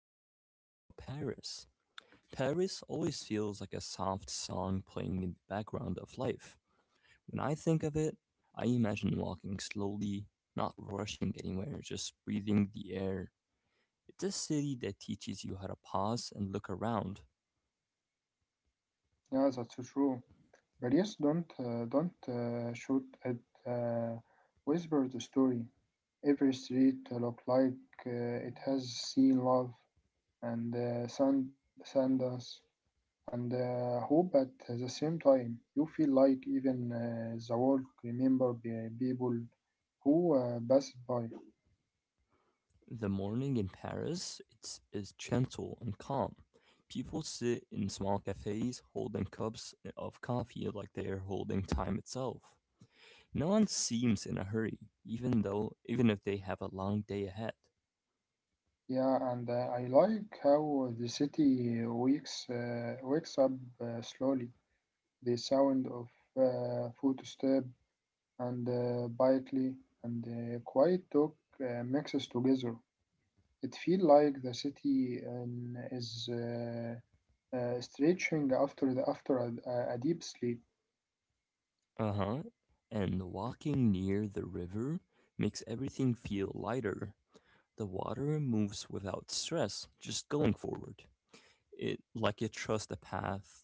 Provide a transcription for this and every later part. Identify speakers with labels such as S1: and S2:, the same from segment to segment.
S1: going to be talking about Paris. Paris always feels like a soft song playing in the background of life. When I think of it, I imagine walking slowly, not rushing anywhere, just breathing the air. It's a city that teaches you how to pause and look around.
S2: Yeah, that's true. But yes, don't shoot at uh, whisper the story. Every street look like it has seen love and sandals and hope at the same time. You feel like even the world remember the people who passed by.
S1: The morning in Paris is gentle and calm. People sit in small cafes holding cups of coffee like they are holding time itself. No one seems in a hurry, even if they have a long day ahead.
S2: Yeah, and I like how the city wakes wakes up slowly. The sound of footstep and quiet talk mixes together. It feels like the city is stretching after a deep sleep.
S1: Uh-huh. And walking near the river makes everything feel lighter. The water moves without stress, just going forward. It like it trusts the path.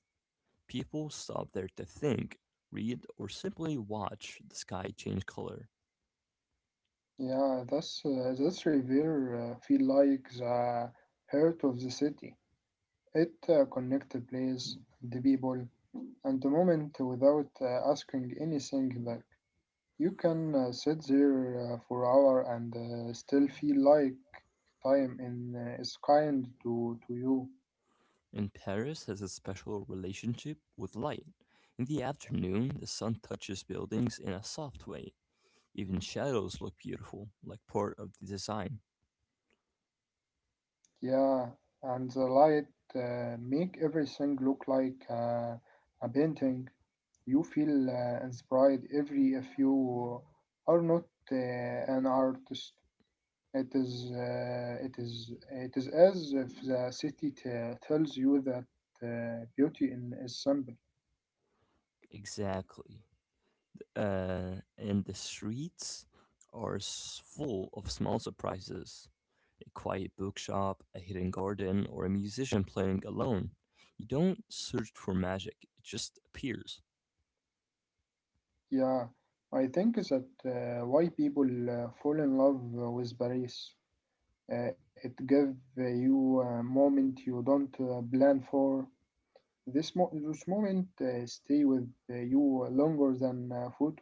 S1: People stop there to think, read, or simply watch the sky change color.
S2: Yeah, that's river feel like the heart of the city. It connects the place, the people, and the moment without asking anything back. You can sit there for hour and still feel like time is kind to you.
S1: And Paris has a special relationship with light. In the afternoon, the sun touches buildings in a soft way. Even shadows look beautiful, like part of the design.
S2: Yeah, and the light make everything look like a painting. You feel inspired every if you are not an artist. It is as if the city tells you that beauty in is simple.
S1: Exactly. And the streets are full of small surprises. A quiet bookshop, a hidden garden, or a musician playing alone. You don't search for magic, it just appears.
S2: Yeah, I think is that why people fall in love with Paris. It gives you a moment you don't plan for. This this moment stay with you longer than photo.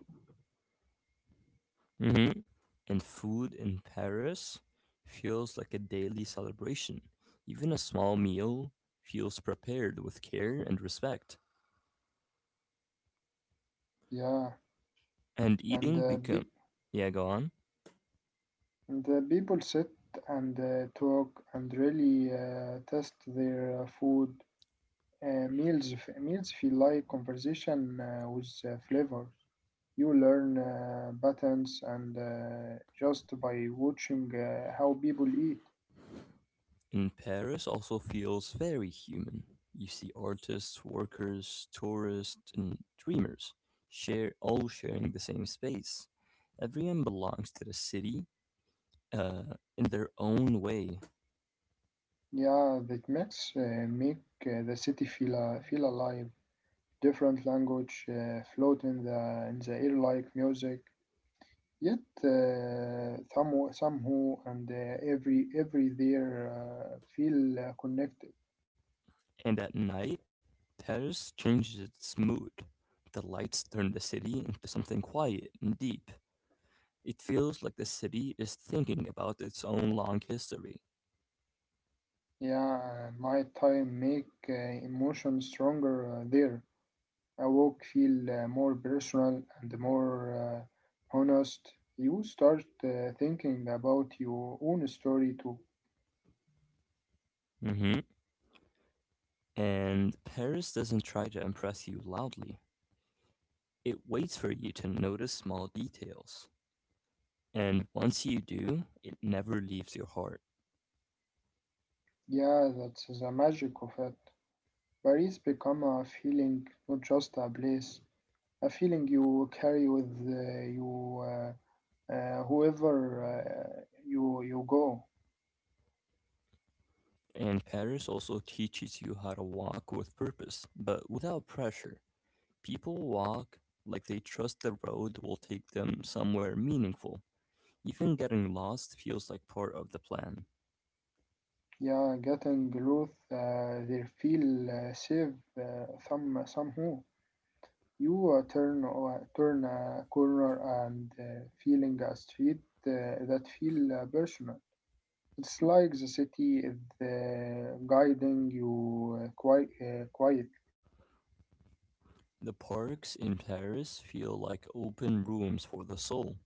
S1: Hmm And food in Paris feels like a daily celebration. Even a small meal feels prepared with care and respect.
S2: Yeah,
S1: And
S2: and
S1: eating
S2: be-
S1: become, yeah, go on.
S2: and people sit and talk and really test their food. Meals feel like conversation with flavors. You learn patterns and just by watching how people eat.
S1: And Paris also feels very human. You see artists, workers, tourists, and dreamers share all sharing the same space. Everyone belongs to the city in their own way.
S2: Yeah, that makes make the city feel alive. Different language float in the air like music. Yet somehow and every there feel connected.
S1: And at night, Paris changes its mood. The lights turn the city into something quiet and deep. It feels like the city is thinking about its own long history.
S2: Yeah, night time make emotion stronger there. A walk feel more personal and more honest. You start thinking about your own story too.
S1: Hmm And Paris doesn't try to impress you loudly. It waits for you to notice small details, and once you do, it never leaves your heart.
S2: Yeah, that's the magic of it. Paris become a feeling, not just a place. A feeling you carry with you whoever uh, you go.
S1: And Paris also teaches you how to walk with purpose, but without pressure. People walk like they trust the road will take them somewhere meaningful. Even getting lost feels like part of the plan.
S2: Yeah, getting growth, they feel safe somehow. You turn a corner and feeling a street that feel personal. It's like the city is guiding you quite quiet.
S1: The parks in Paris feel like open rooms for the soul.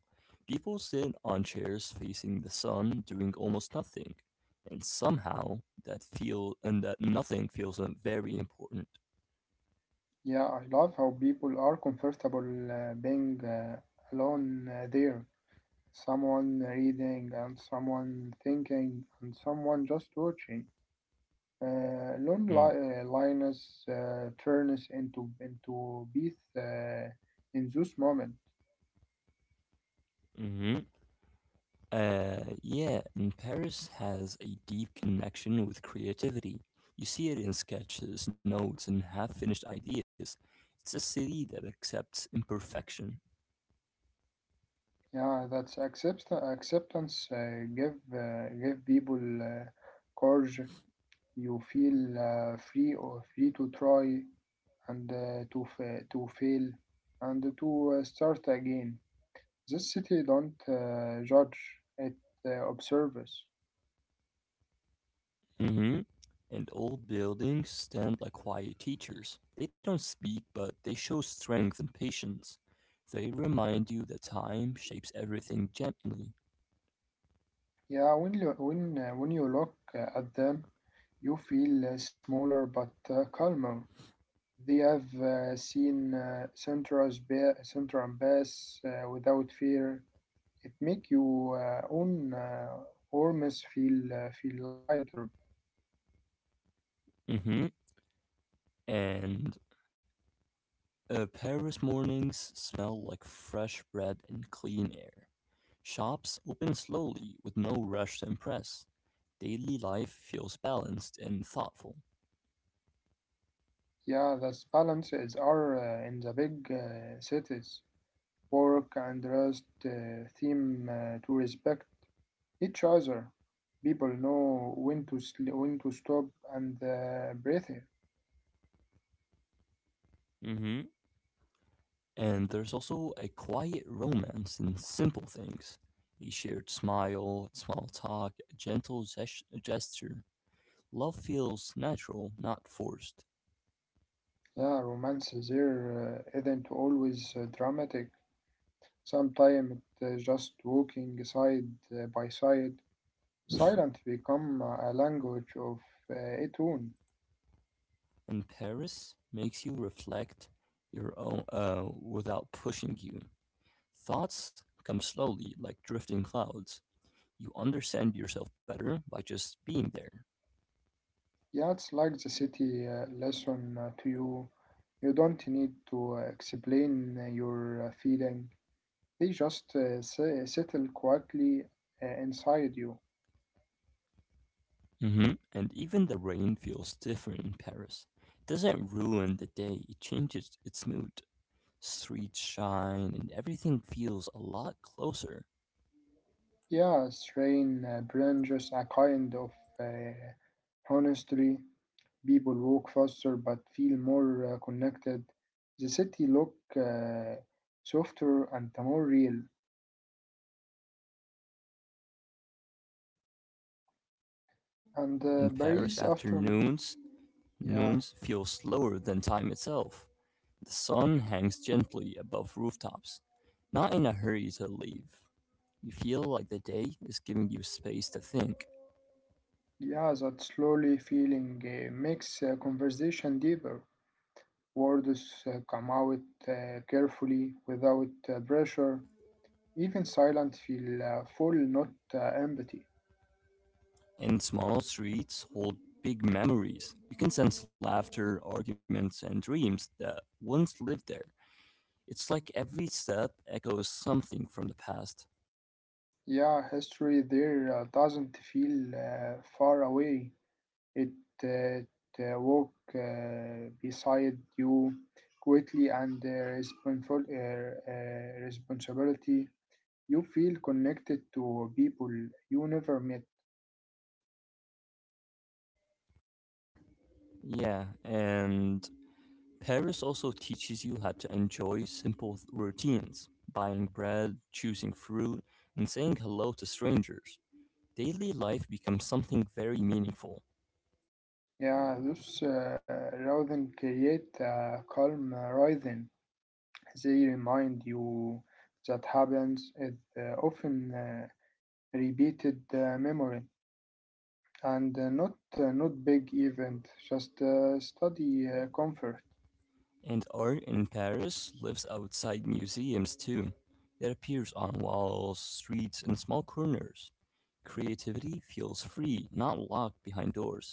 S1: People sit on chairs facing the sun doing almost nothing, and somehow that nothing feels very important.
S2: Yeah, I love how people are comfortable being alone there. Someone reading and someone thinking and someone just watching. Lioness turns into beath in this moment.
S1: Mm-hmm. Uh, yeah, and Paris has a deep connection with creativity. You see it in sketches, notes, and half finished ideas. It's a city that accepts imperfection.
S2: Yeah, acceptance. Give people courage. You feel free or free to try and to fail and to start again. This city don't judge; it observes.
S1: Mm-hmm. And old buildings stand like quiet teachers. They don't speak, but they show strength and patience. They remind you that time shapes everything gently.
S2: Yeah, when you look at them, you feel smaller but calmer. They have seen Central Bass without fear. It make you own arms feel lighter.
S1: Hmm And Paris mornings smell like fresh bread and clean air. Shops open slowly with no rush to impress. Daily life feels balanced and thoughtful.
S2: Yeah, that's balance is are in the big cities. Work and rest theme to respect each other. People know when to stop and breathe.
S1: Hmm And there's also a quiet romance in simple things, a shared smile, small talk, a gentle gesture. Love feels natural, not forced.
S2: Yeah, romance is here isn't always dramatic. Sometimes it's just walking side by side. Silence become a language of uh, its own.
S1: And Paris makes you reflect your own without pushing you. Thoughts come slowly, like drifting clouds. You understand yourself better by just being there.
S2: Yeah, it's like the city lesson to you. You don't need to explain your feeling. They just settle quietly inside you.
S1: Hmm And even the rain feels different in Paris. It doesn't ruin the day, it changes its mood. Streets shine and everything feels a lot closer.
S2: Yeah, Srain brings a kind of uh, honesty. People walk faster but feel more connected. The city look softer and more real. And
S1: In
S2: Paris
S1: Paris
S2: after,
S1: afternoons,
S2: yeah,
S1: noons feel slower than time itself. The sun hangs gently above rooftops, not in a hurry to leave. You feel like the day is giving you space to think,
S2: yeah, that slowly feeling makes conversation deeper. Words come out carefully without pressure. Even silent feel full, not empty.
S1: and small streets hold big memories. You can sense laughter, arguments, and dreams that once lived there. It's like every step echoes something from the past.
S2: Yeah, history there doesn't feel far away. It, it walk beside you quietly and responsible responsibility. You feel connected to people you never met.
S1: Yeah, and Paris also teaches you how to enjoy simple routines, buying bread, choosing fruit, and saying hello to strangers. Daily life becomes something very meaningful,
S2: Yeah, those rather create a calm rhythm. They remind you that happens is often repeated memory. And not big event, just study comfort.
S1: and art in Paris lives outside museums too. It appears on walls, streets, and small corners. Creativity feels free, not locked behind doors.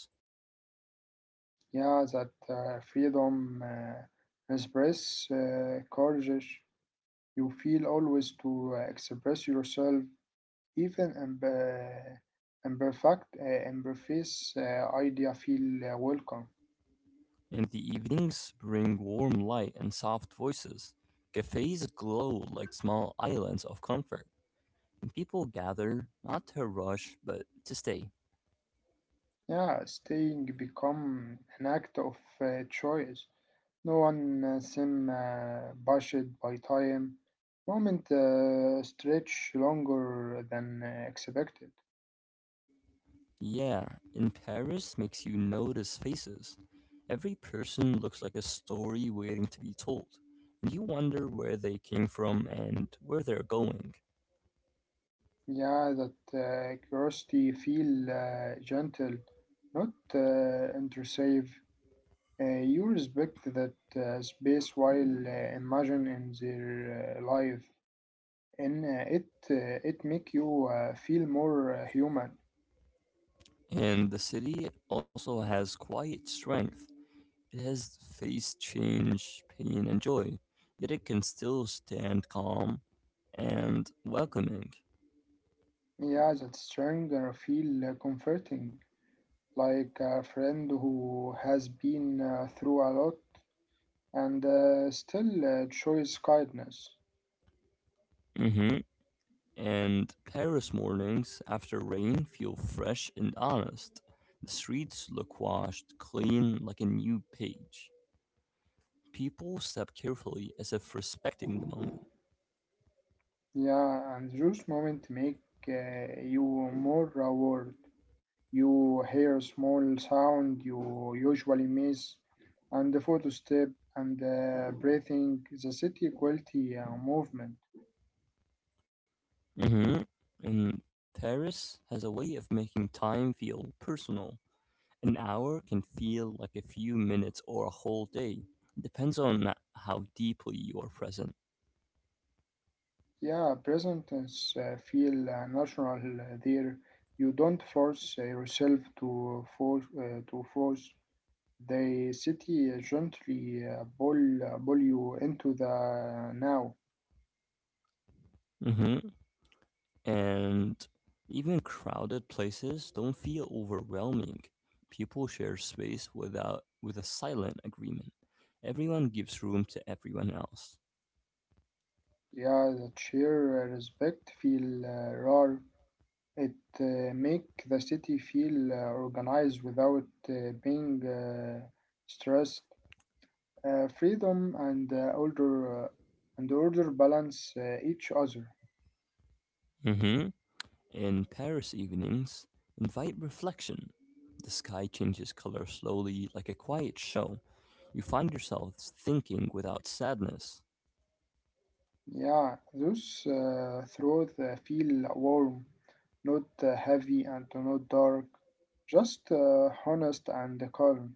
S2: Yeah, that freedom express courage. You feel always to express yourself, even in imperfect idea feel welcome.
S1: And the evenings bring warm light and soft voices. Cafes glow like small islands of comfort. People gather, not to rush, but to stay.
S2: Yeah, staying become an act of choice. No one seemed pushed by time. Moment stretch longer than expected.
S1: Yeah, in Paris makes you notice faces. Every person looks like a story waiting to be told. And you wonder where they came from and where they're going.
S2: Yeah, that curiosity feel gentle, not intrusive. You respect that space while imagining their life, and it make you feel more human.
S1: And the city also has quiet strength. It has faced change, pain, and joy, yet it can still stand calm and welcoming.
S2: Yeah, that stronger feel comforting, like a friend who has been through a lot and still shows kindness.
S1: Hmm And Paris mornings after rain feel fresh and honest. The streets look washed, clean, like a new page. People step carefully as if respecting the moment.
S2: Yeah, and those moments make you more aware. You hear a small sound you usually miss, and the photo step and breathing, the city quality movement.
S1: Hmm And Paris has a way of making time feel personal. An hour can feel like a few minutes or a whole day. Depends on how deeply you are present.
S2: Yeah, presence feel natural there. You don't force yourself to force the city gently pull you into the now.
S1: Hmm And even crowded places don't feel overwhelming. People share space without with a silent agreement. Everyone gives room to everyone else.
S2: Yeah, that sheer respect feel rare. It make the city feel organized without being stressed. Freedom and order and order balance each other.
S1: Hmm In Paris evenings, invite reflection. The sky changes color slowly like a quiet show. You find yourself thinking without sadness.
S2: Yeah, those throats feel warm, not heavy and not dark, just honest and calm.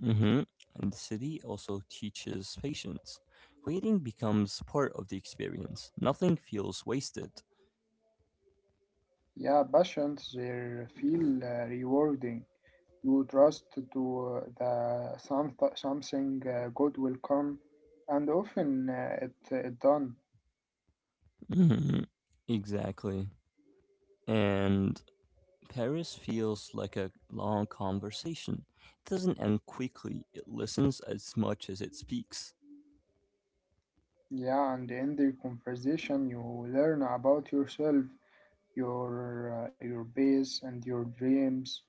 S1: Hmm And the city also teaches patience. Waiting becomes part of the experience. Nothing feels wasted.
S2: Yeah, passions they feel rewarding. You trust to the some something good will come, and often it done.
S1: Hmm Exactly. And Paris feels like a long conversation. It doesn't end quickly, it listens as much as it speaks.
S2: Yeah, and in the conversation you learn about yourself, your base and your dreams,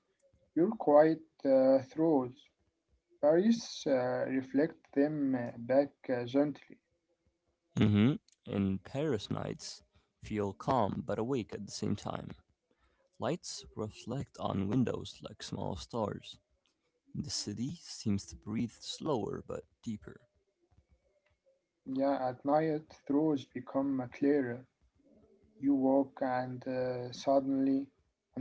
S2: your quiet throats. Paris reflect them back gently.
S1: Hmm And Paris nights feel calm but awake at the same time. Lights reflect on windows like small stars. The city seems to breathe slower but deeper.
S2: Yeah, at night, throws become clearer. You walk and suddenly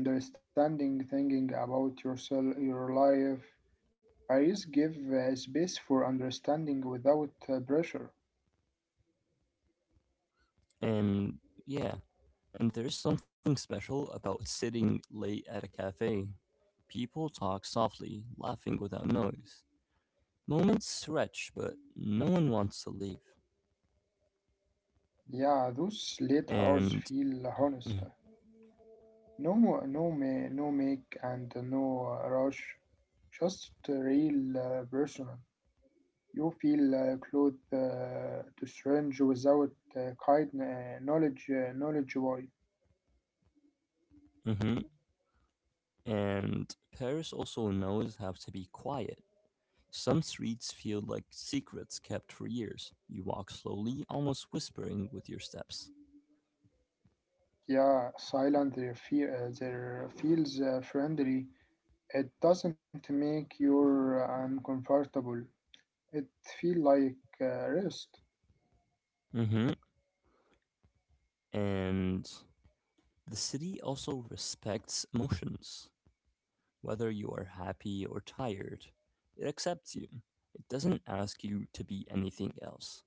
S2: understanding, thinking about yourself, your life. Paris give space for understanding without pressure.
S1: And yeah, and there's something special about sitting late at a cafe. People talk softly, laughing without noise. Moments stretch, but no one wants to leave.
S2: Yeah, those late hours
S1: And
S2: feel honest. No, no make and no rush. Just real personal. You feel close to strange without kind knowledge, knowledge why.
S1: mhm, and Paris also knows how to be quiet. Some streets feel like secrets kept for years. You walk slowly, almost whispering with your steps.
S2: Yeah, silent their fear, their feels friendly. It doesn't make you uncomfortable. It feel like rest.
S1: Hmm And the city also respects emotions. Whether you are happy or tired, it accepts you. It doesn't ask you to be anything else.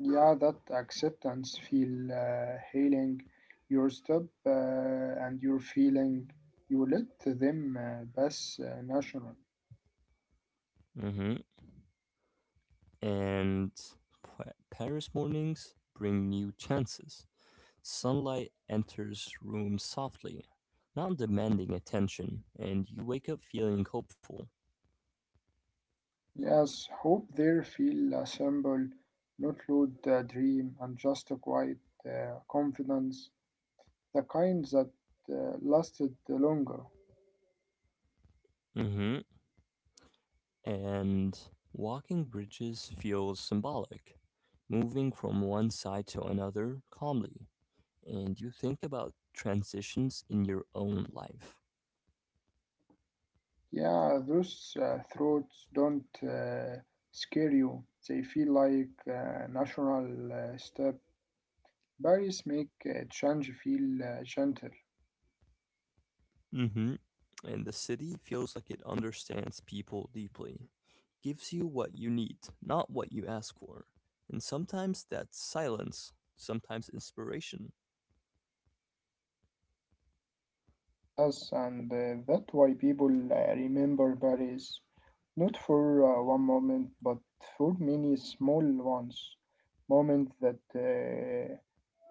S2: Yeah, that acceptance feel healing your step and your feeling. You let them pass national.
S1: Hmm and Paris mornings bring new chances. Sunlight enters rooms softly, not demanding attention, and you wake up feeling hopeful.
S2: Yes, hope there feel simple, not loud dream and just a quiet confidence, the kind that lasted longer.
S1: Hmm And walking bridges feels symbolic, moving from one side to another calmly, and you think about transitions in your own life.
S2: Yeah, those thoughts don't scare you. They feel like a natural step. Paris make change feel gentle.
S1: Hmm And the city feels like it understands people deeply. Gives you what you need, not what you ask for. And sometimes that's silence, sometimes inspiration.
S2: Yes, and that's why people remember Paris, not for one moment, but for many small ones, moments that uh,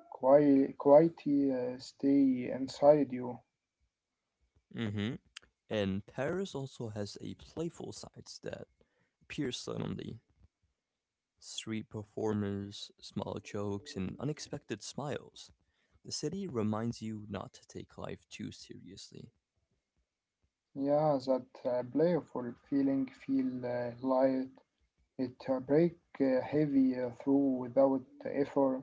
S2: quite, quite stay inside you.
S1: Mm-hmm. And Paris also has a playful side that appears suddenly, street performers, small jokes, and unexpected smiles. The city reminds you not to take life too seriously.
S2: Yeah, that playful feeling feel light. It break heavy through without effort,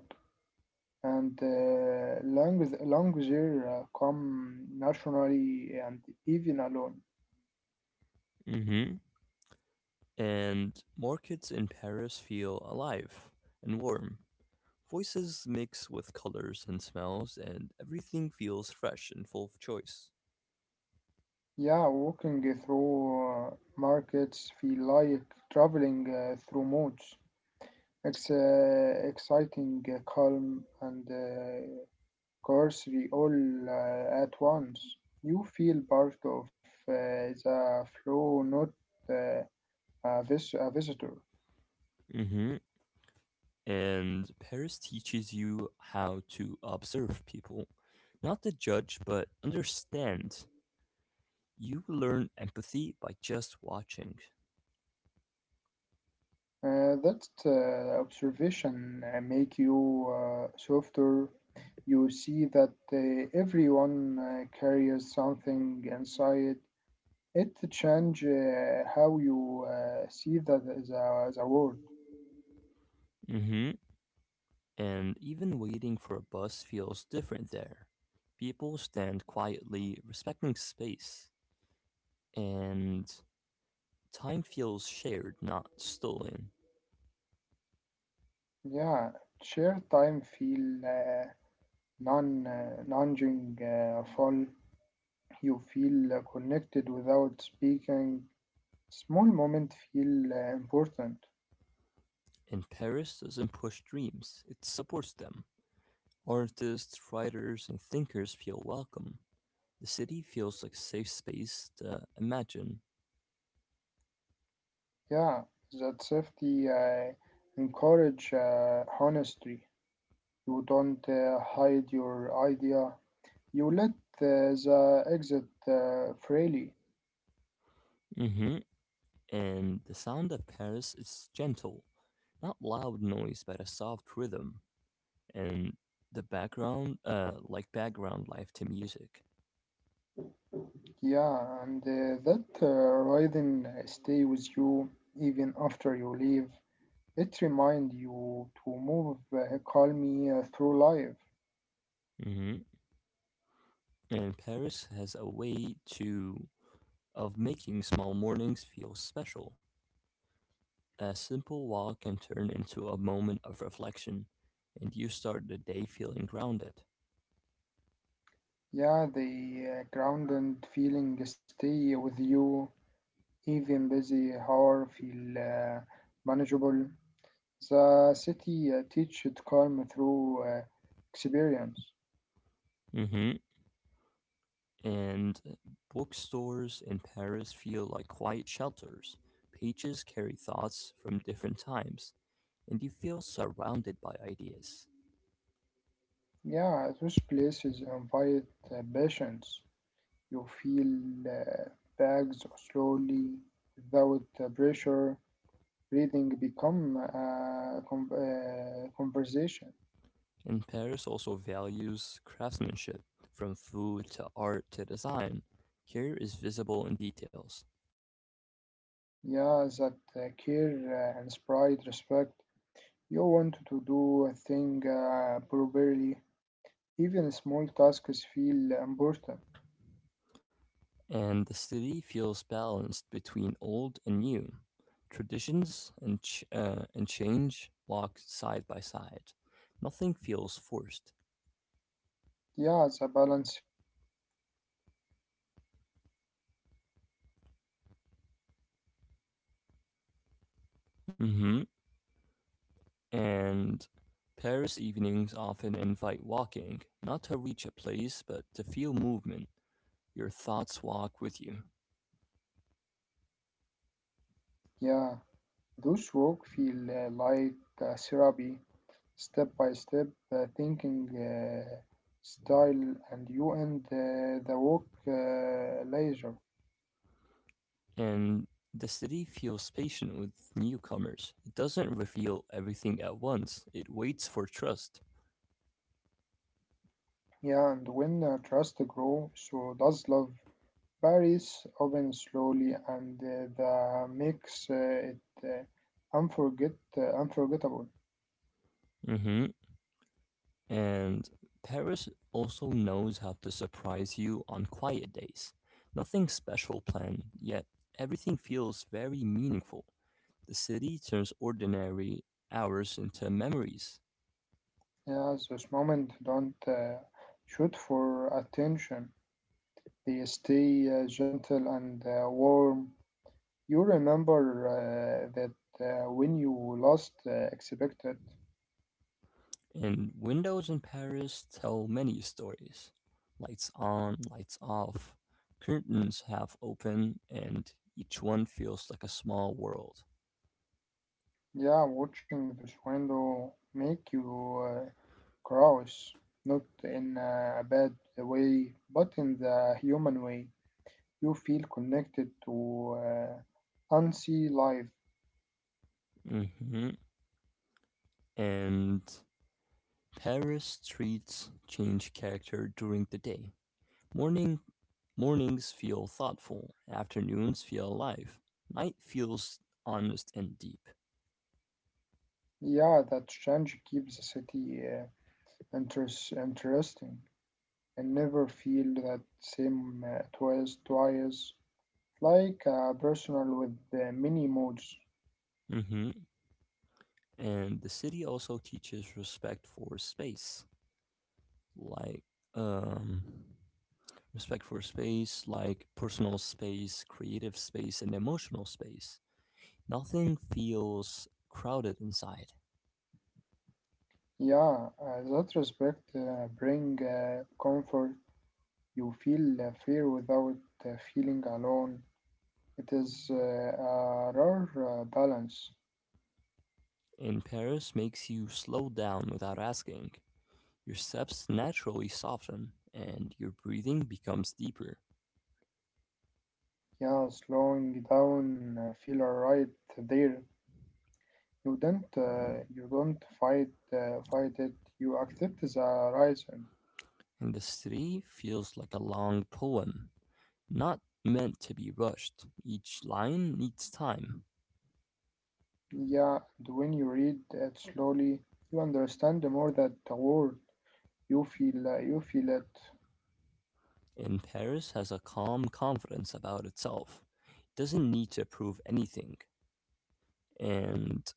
S2: and lungs here come naturally and even alone.
S1: Mm-hmm. And markets in Paris feel alive and warm. Voices mix with colors and smells, and everything feels fresh and full of choice.
S2: Yeah, walking through markets feel like traveling through modes. It's exciting, calm, and cursory all at once. You feel part of the flow, not uh, a visitor.
S1: Hmm And Paris teaches you how to observe people, not to judge, but understand. You learn empathy by just watching.
S2: That observation make you softer. You see that everyone carries something inside. It change how you see the world.
S1: Hmm And even waiting for a bus feels different there. People stand quietly, respecting space, and time feels shared, not stolen.
S2: Yeah, share time feel non nudging full. You feel connected without speaking. Small moment feel important.
S1: And Paris doesn't push dreams, it supports them. Artists, writers, and thinkers feel welcome. The city feels like a safe space to imagine.
S2: Yeah, that safety encourage honesty. You don't hide your idea. You let the exit freely.
S1: Hmm And the sound of Paris is gentle, not loud noise, but a soft rhythm. And the background, like background life to music.
S2: Yeah, and that rhythm stay with you even after you leave. It remind you to move calmly through life.
S1: Hmm And Paris has a way to of making small mornings feel special. A simple walk can turn into a moment of reflection, and you start the day feeling grounded.
S2: Yeah, the grounded feeling stay with you even busy hour feel manageable. The city teach it calm through experience.
S1: Hmm And bookstores in Paris feel like quiet shelters. Pages carry thoughts from different times, and you feel surrounded by ideas.
S2: Yeah, those places invite patience. You feel uh, bags slowly without pressure. Breathing become a conversation.
S1: And Paris also values craftsmanship, from food to art to design. Care is visible in details.
S2: Yeah, that care inspired respect. You want to do a thing properly. Even small tasks feel important.
S1: And the city feels balanced between old and new. Traditions and, and change walk side by side. Nothing feels forced.
S2: Yeah, the balance feel wise. It teaches uh, acceptation of change
S1: Hmm
S2: without losing identity.
S1: And Paris evenings often invite walking, not to reach a place, but to feel movement. Your thoughts walk with you.
S2: Yeah, those walk feel like a therapy, step by step thinking style, and you end the walk later.
S1: And the city feels patient with newcomers. It doesn't reveal everything at once, it waits for trust.
S2: Yeah, and when trust grow, so does love. Paris opens slowly, and the makes it uh, unforget unforgettable.
S1: Hmm And Paris also knows how to surprise you on quiet days. Nothing special planned, yet everything feels very meaningful. The city turns ordinary hours into memories,
S2: Yeah, those moments don't shoot for attention. They stay gentle and warm. You remember that when you last expected,
S1: and windows in Paris tell many stories. Lights on, lights off, curtains half open, and each one feels like a small world.
S2: yeah, watching this window make you cross, not in a bad way, but in the human way. You feel connected to unsee life.
S1: Hmm And Paris streets change character during the day. Morning, Mornings feel thoughtful, afternoons feel alive, night feels honest and deep.
S2: Yeah, that change keeps the city interesting and never feel that same twice, like a personal with many modes.
S1: Hmm And the city also teaches respect for space, like um, like personal space, creative space, and emotional space. Nothing feels crowded inside.
S2: Yeah, that respect bring comfort. You feel fear without feeling alone. It is a rare balance.
S1: And Paris makes you slow down without asking. Your steps naturally soften, and your breathing becomes deeper.
S2: Yeah, slowing down feel right there. You don't fight fight it. You accept the horizon.
S1: Industry feels like a long poem, not meant to be rushed. Each line needs time.
S2: Yeah, and when you read it slowly, you understand more that the world. You feel it.
S1: And Paris has a calm confidence about itself. It doesn't need to prove anything. And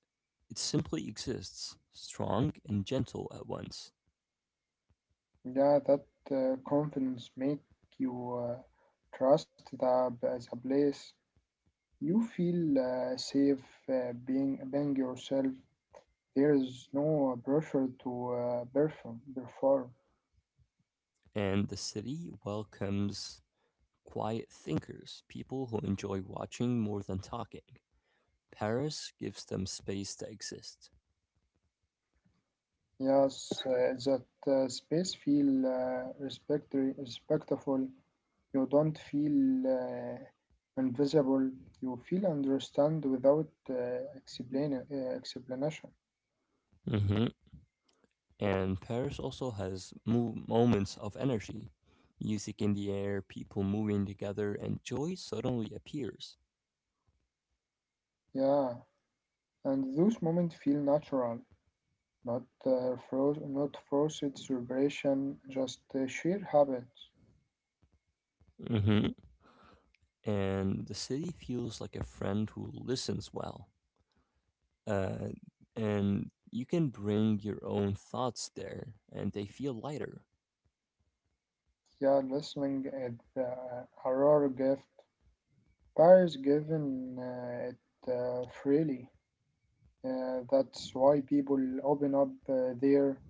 S1: it simply exists, strong and gentle at once.
S2: Yeah, that confidence make you trust the as a place. You feel safe being yourself. There is no pressure to perform.
S1: And the city welcomes quiet thinkers, people who enjoy watching more than talking. Paris gives them space to exist.
S2: Yes, that space feel respectful. You don't feel invisible. You feel understand without explain explanation.
S1: Hmm And Paris also has moments of energy, music in the air, people moving together, and joy suddenly appears.
S2: Yeah, and those moments feel natural. Not fro not forced celebration, just sheer habit.
S1: Hmm And the city feels like a friend who listens well. Uh, and you can bring your own thoughts there, and they feel lighter.
S2: Yeah, listening is a rare gift. Paris given it freely. That's why people open up there.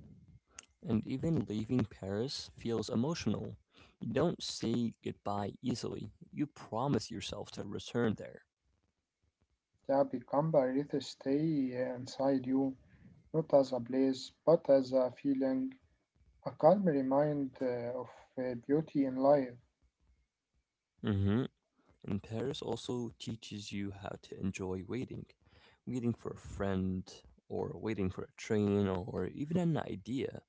S1: And even leaving Paris feels emotional. You don't say goodbye easily, you promise yourself to return there.
S2: Yeah, become Paris to stay inside you, not as a place, but as a feeling, a calm remind of beauty in life.
S1: Mhm. And Paris also teaches you how to enjoy waiting. Waiting for a friend, or waiting for a train, or even an idea.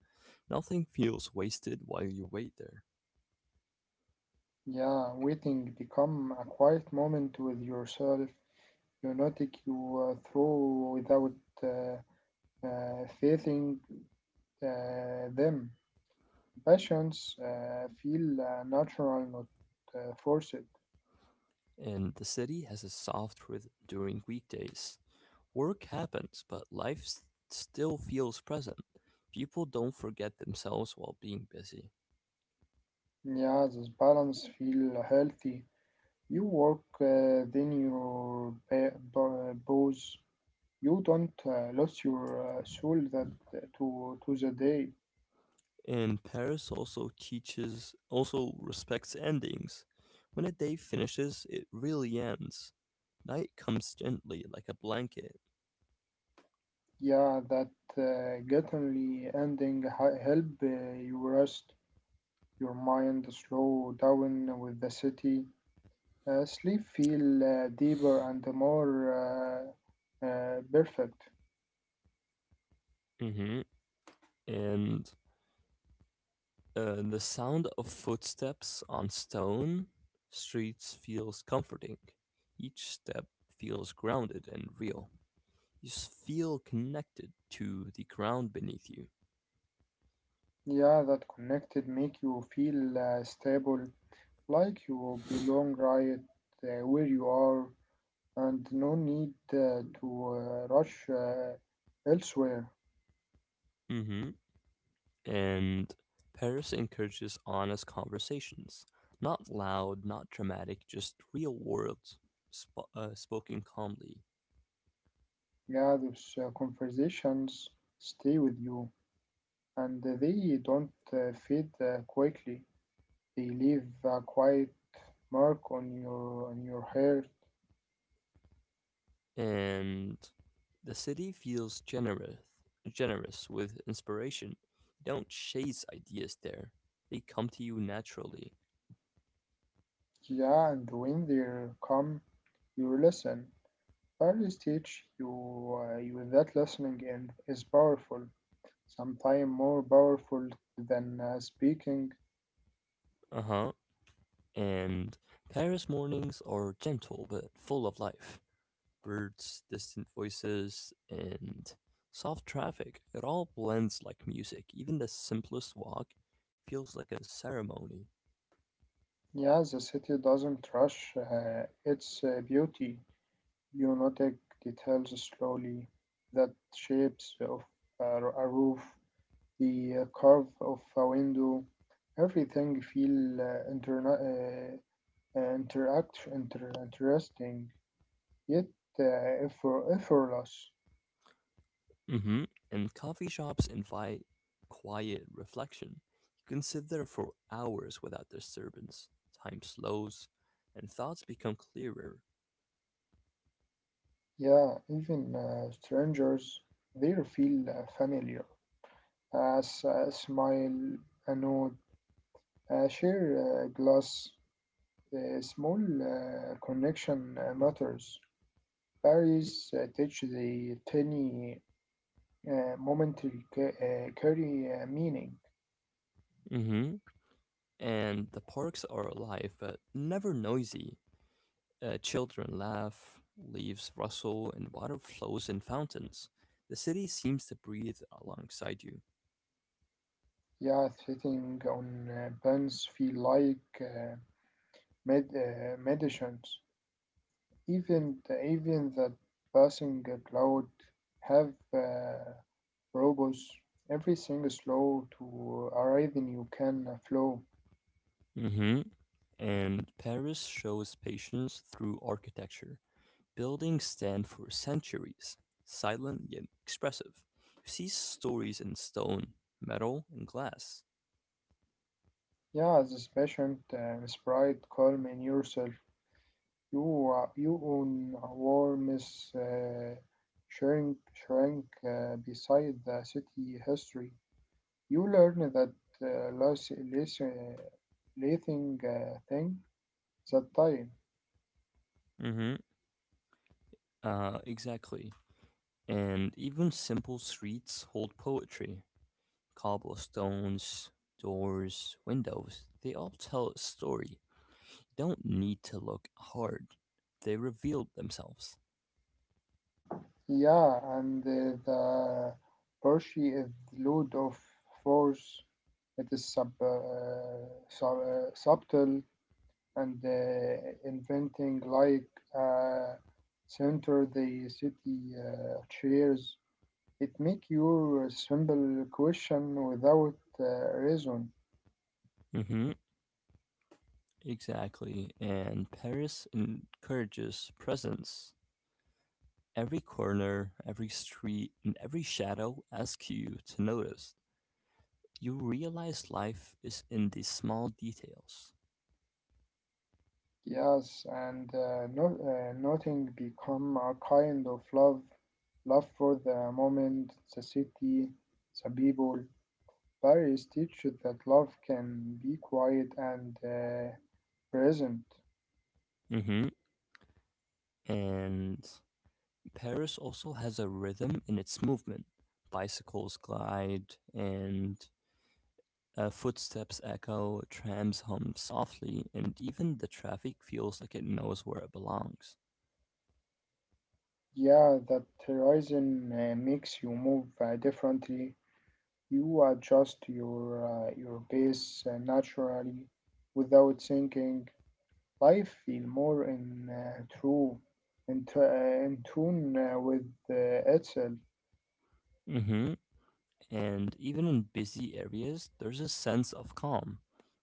S1: Nothing feels wasted while you wait there.
S2: Yeah, waiting become a quiet moment with yourself. You notice you through without uh, facing them. Passions feel natural, not forced.
S1: And the city has a soft rhythm during weekdays. Work happens, but life still feels present. People don't forget themselves while being busy.
S2: Yeah, this balance feel healthy. You work, then you pause. You don't lose your soul that to the day.
S1: And Paris also teaches, also respects endings. When a day finishes, it really ends. Night comes gently, like a blanket.
S2: Yeah, that gutturally ending help you rest your mind, slow down with the city. Sleep feel deeper and more perfect.
S1: Mm-hmm. And the sound of footsteps on stone streets feels comforting. Each step feels grounded and real. You feel connected to the ground beneath you.
S2: Yeah, that connected make you feel stable, like you belong right where you are, and no need to rush elsewhere.
S1: Mm-hmm. And Paris encourages honest conversations. Not loud, not dramatic, just real world, spoken calmly.
S2: Yeah, those conversations stay with you, and they don't fade quickly. They leave a quiet mark on your heart.
S1: And the city feels generous, generous with inspiration. You don't chase ideas there. They come to you naturally.
S2: Yeah, and when they come, you listen. Values teach you that listening and is powerful, sometimes more powerful than speaking.
S1: Uh huh. And Paris mornings are gentle but full of life. Birds, distant voices, and soft traffic. It all blends like music. Even the simplest walk feels like a ceremony.
S2: Yeah, the city doesn't rush its beauty. You notice details slowly, that shapes of a roof the curve of a window, everything feel interesting yet uh, effortless.
S1: Hmm. And coffee shops invite quiet reflection. You can sit there for hours without disturbance. Time slows, and thoughts become clearer.
S2: Yeah, even strangers there feel familiar. As a smile, a nod, a share a glass, a small connection matters. Paris teach the tiny carry meaning.
S1: Hmm. And the parks are alive, but never noisy. Children laugh, leaves rustle, and water flows in fountains. The city seems to breathe alongside you.
S2: Yeah, sitting on bands feel like medicines. Even the passing cloud have robots. Everything is slow to arrive and you can flow.
S1: Hmm. And Paris shows patience through architecture. Buildings stand for centuries, silent yet expressive. You see stories in stone, metal, and glass.
S2: Yeah, as a patient, sprite, calm in yourself. You are you own a warmest shrink beside the city history. You learn that life is a living thing that time.
S1: Hmm. Exactly. And even simple streets hold poetry. Cobblestones, doors, windows, they all tell a story. Don't need to look hard. They revealed themselves.
S2: Yeah, and the Percy is load of force. It is subtle and inventing like uh, center the city chairs. It make your simple question without reason.
S1: Mm-hmm. Exactly. And Paris encourages presence. Every corner, every street, and every shadow asks you to notice. You realize life is in the small details.
S2: Yes, and nothing become a kind of love, love for the moment, the city, the people. Paris teaches that love can be quiet and present.
S1: Mm-hmm. And Paris also has a rhythm in its movement. Bicycles glide, and footsteps echo, trams hum softly, and even the traffic feels like it knows where it belongs.
S2: Yeah, that horizon makes you move differently. You adjust your pace naturally, without thinking. Life feel more in in tune with itself.
S1: Hmm. And even in busy areas, there's a sense of calm.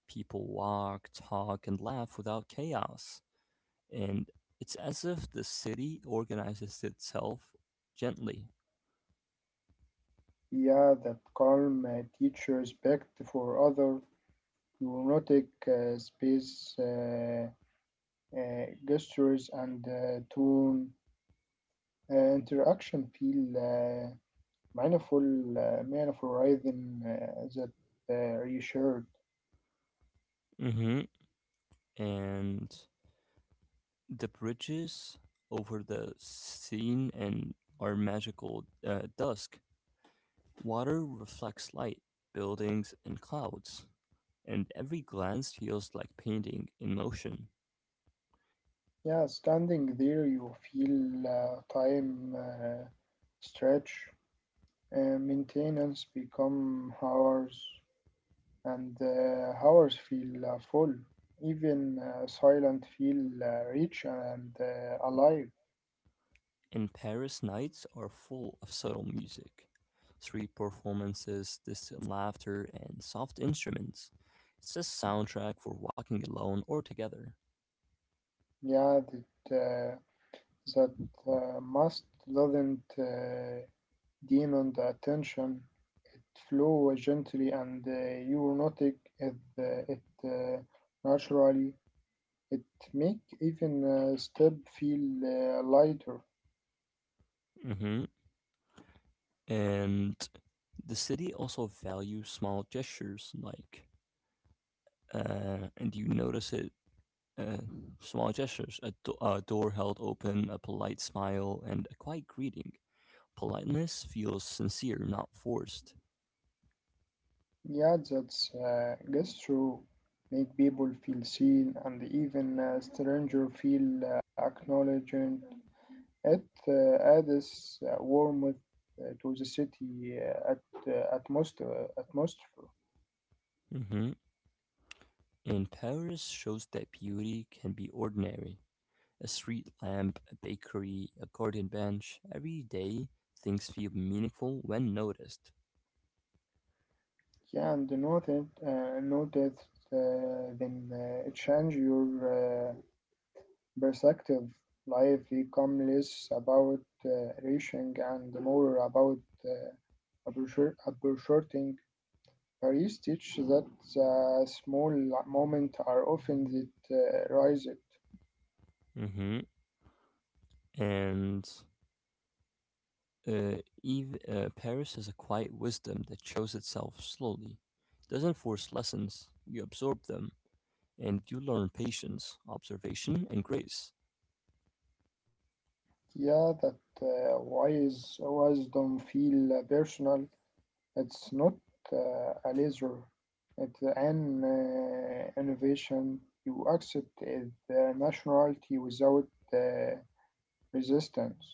S1: People walk, talk, and laugh without chaos. And it's as if the city organizes itself gently.
S2: Yeah, that calm teach respect for other, neurotic space gestures and tone interaction feel meaningful, meaningful rhythm that reassured.
S1: Hmm. And the bridges over the scene and are magical dusk. Water reflects light, buildings, and clouds, and every glance feels like painting in motion.
S2: Yeah, standing there, you feel time stretch. Maintenance become hours and hours feel full, even silent feel rich and alive.
S1: And Paris nights are full of subtle music, street performances, distant laughter, and soft instruments. It's a soundtrack for walking alone or together.
S2: Yeah, that must doesn't demand attention. It flow gently and you notice it naturally. It make even step feel lighter.
S1: Hmm. And the city also values small gestures like, and you notice it. Uh, Small gestures, a, a door held open, a polite smile, and a quiet greeting. Politeness feels sincere, not forced.
S2: Yeah, that's true. Make people feel seen and even stranger feel acknowledged. It adds warmth to the city atmosphere.
S1: Hmm. And Paris shows that beauty can be ordinary. A street lamp, a bakery, a garden bench. Every day, things feel meaningful when noticed.
S2: Yeah, and noted then it change your perspective. Life become less about uh, reaching and more about uh, appreciating. Paris teach that the small moments are often that rise it.
S1: Hmm. And uh, Paris has a quiet wisdom that shows itself slowly. Doesn't force lessons, you absorb them and you learn patience, observation, and grace.
S2: Yeah, that wise wisdom feel personal. It's not a laser. It's an innovation. You accept the nationality without uh, resistance.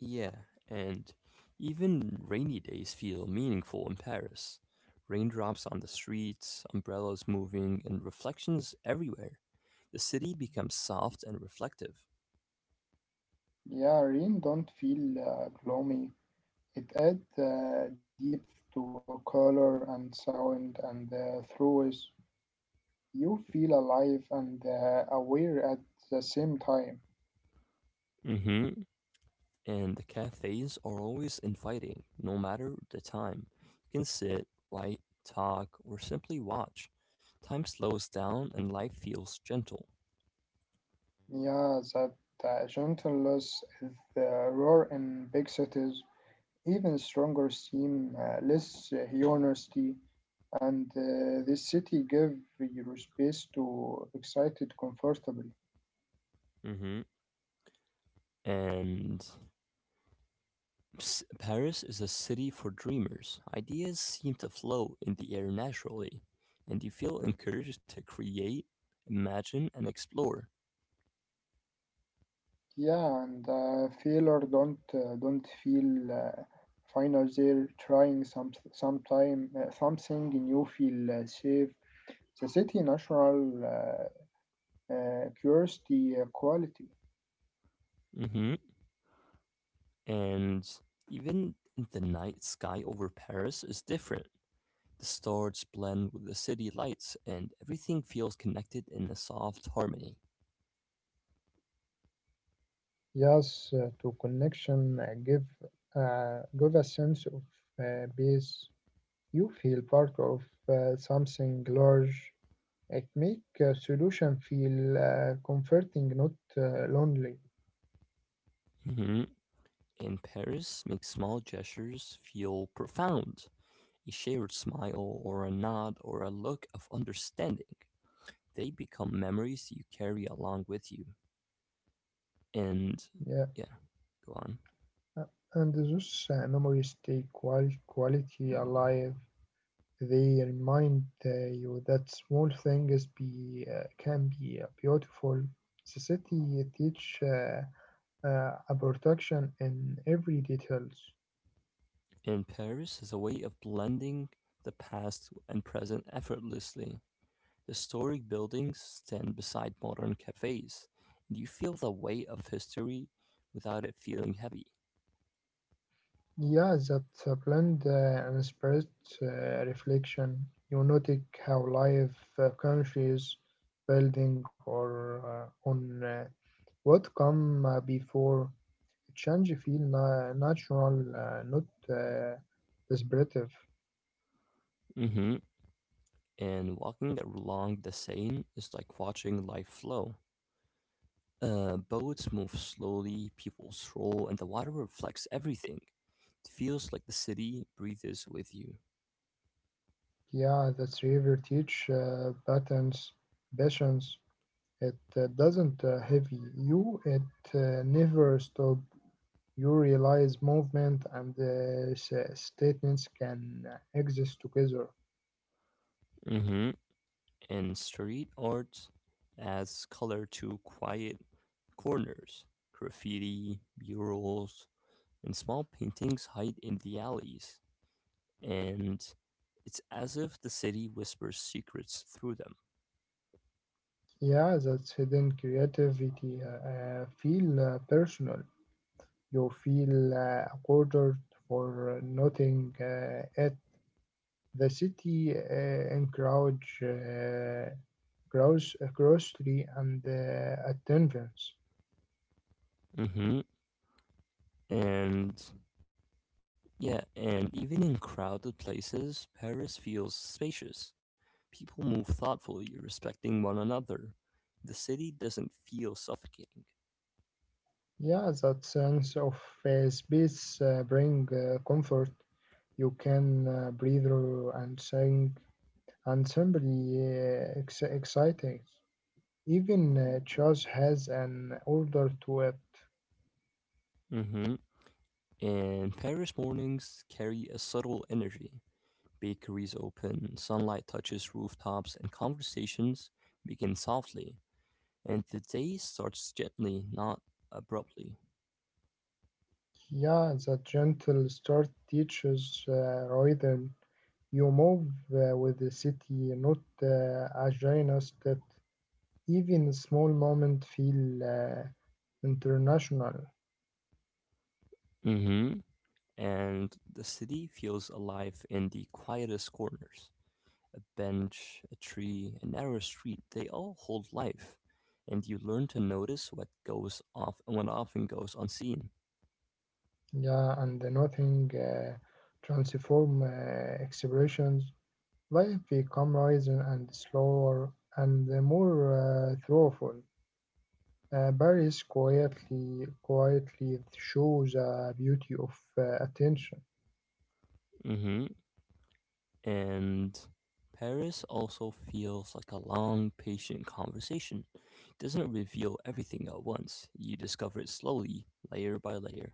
S1: Yeah, and even rainy days feel meaningful in Paris. Raindrops on the streets, umbrellas moving, and reflections everywhere. The city becomes soft and reflective.
S2: Yeah, rain don't feel gloomy. It adds depth to color and sound and through. You feel alive and aware at the same time.
S1: Mm-hmm. And the cafes are always inviting, no matter the time. You can sit, write, talk, or simply watch. Time slows down and life feels gentle.
S2: Yeah, that gentleness is the rare in big cities. Even stronger seem less honesty, and this city give your space to excite it comfortably.
S1: Mm-hmm. And Paris is a city for dreamers. Ideas seem to flow in the air naturally, and you feel encouraged to create, imagine, and explore.
S2: Yeah, and failure don't feel final. They're trying some sometime something new. Feel safe. The city natural. Curiosity quality.
S1: Hmm. And even the night sky over Paris is different. The stars blend with the city lights, and everything feels connected in a soft harmony.
S2: Yes, to connection give a sense of peace. You feel part of something large. It make a solution feel comforting, not lonely.
S1: Hmm. And Paris makes small gestures feel profound. A shared smile, or a nod, or a look of understanding. They become memories you carry along with you. And
S2: Yeah,
S1: yeah, go on.
S2: Uh, and those memories stay quality alive. They remind you that small things be can be beautiful. The city teach a protection in every details.
S1: And Paris is a way of blending the past and present effortlessly. Historic buildings stand beside modern cafes, and you feel the weight of history without it feeling heavy.
S2: Yeah, that blend and spread reflection. You notice how life countries, building, or on what come before. Change feel natural, not descriptive.
S1: Hmm. And walking along the Seine is like watching life flow. Boats move slowly, people stroll, and the water reflects everything. It feels like the city breathes with you.
S2: Yeah, that's river teach patterns, passions. It doesn't heavy you. It never stop. You realize movement and statements can exist together.
S1: Hmm. And street art adds color to quiet corners. Graffiti, murals, and small paintings hide in the alleys. And it's as if the city whispers secrets through them.
S2: Yeah, that's hidden creativity. Feel personal. You feel quartered for noting it. The city encourage grocery and attendance.
S1: Hmm. And yeah, and even in crowded places, Paris feels spacious. People move thoughtfully, respecting one another. The city doesn't feel suffocating.
S2: Yeah, that sense of space bring comfort. You can breathe and sing and simply exciting. Even chess has an order to it.
S1: In Paris, mornings carry a subtle energy. Bakeries open, sunlight touches rooftops, and conversations begin softly. And the day starts gently, not abruptly.
S2: Yeah, the gentle start teaches rhythm. You move with the city, not agendas that even small moments feel international.
S1: Hmm. And the city feels alive in the quietest corners. A bench, a tree, a narrow street, they all hold life. And you learn to notice what goes off and what often goes unseen.
S2: Yeah, and nothing transform expressions. Life become rising and slower and more thoughtful. Paris quietly, quietly shows the beauty of attention.
S1: Hmm. And Paris also feels like a long, patient conversation. It doesn't reveal everything at once, you discover it slowly, layer by layer.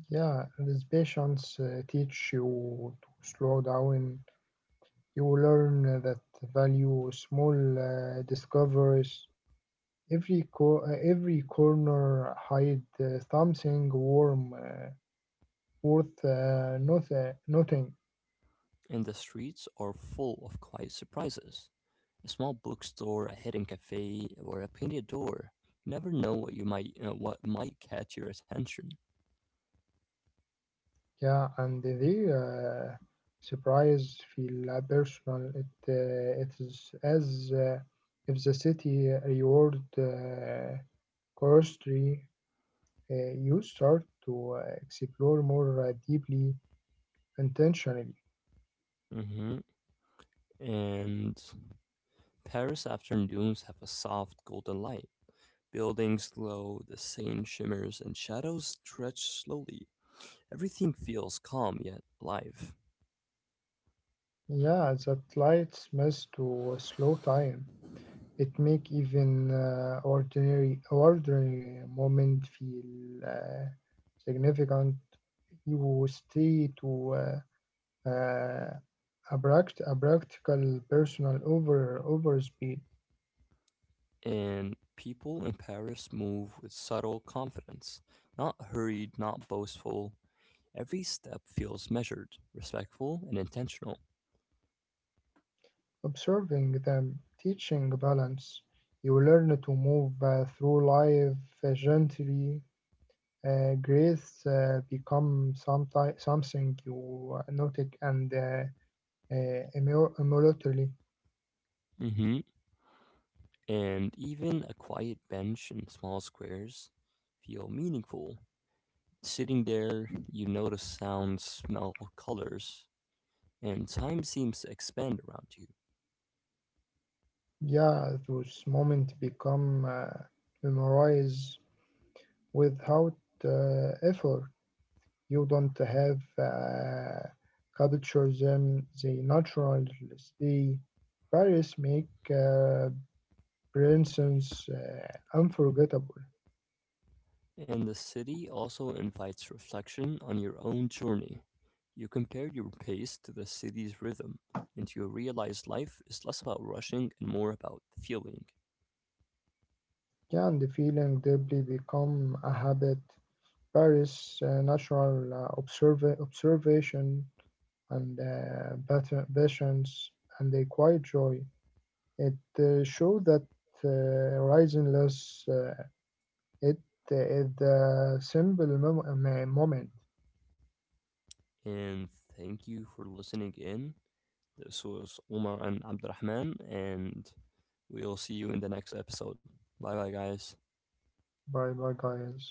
S2: Yeah, this patience teach you to slow down. You learn that value small discoveries. Every corner hide something warm worth nothing.
S1: And the streets are full of quiet surprises. A small bookstore, a hidden cafe, or a painted door. You never know what you might what might catch your attention.
S2: Yeah, and the surprise feel personal. It it is as if the city reward chemistry you start to explore more deeply intentionally.
S1: Hmm. And Paris afternoons have a soft golden light. Buildings glow, the Seine shimmers, and shadows stretch slowly. Everything feels calm yet alive,
S2: Yeah, that lights must to slow time. It make even ordinary moment feel significant. You stay to uh, uh, a practical personal over speed,
S1: and people in Paris move with subtle confidence, not hurried, not boastful. Every step feels measured, respectful, and intentional.
S2: observing them, teaching balance. You learn to move through life gently. Grace become something you noted and immortally.
S1: Hmm. And even a quiet bench in small squares feel meaningful. Sitting there, you notice sounds, smell, colors, and time seems to expand around you.
S2: Yeah, those moments become memorize without effort. You don't have capture them; they naturally stay. Paris make uh, presence unforgettable.
S1: And the city also invites reflection on your own journey. You compare your pace to the city's rhythm, and you realize life is less about rushing and more about feeling.
S2: Yeah, and the feeling deeply become a habit. Paris National Observation and Patience and a Quiet Joy. It showed that Rising-less, it is the simple moment
S1: And thank you for listening in. This was Omar and Abdurrahman, and we'll see you in the next episode. Bye bye, guys.
S2: by guys.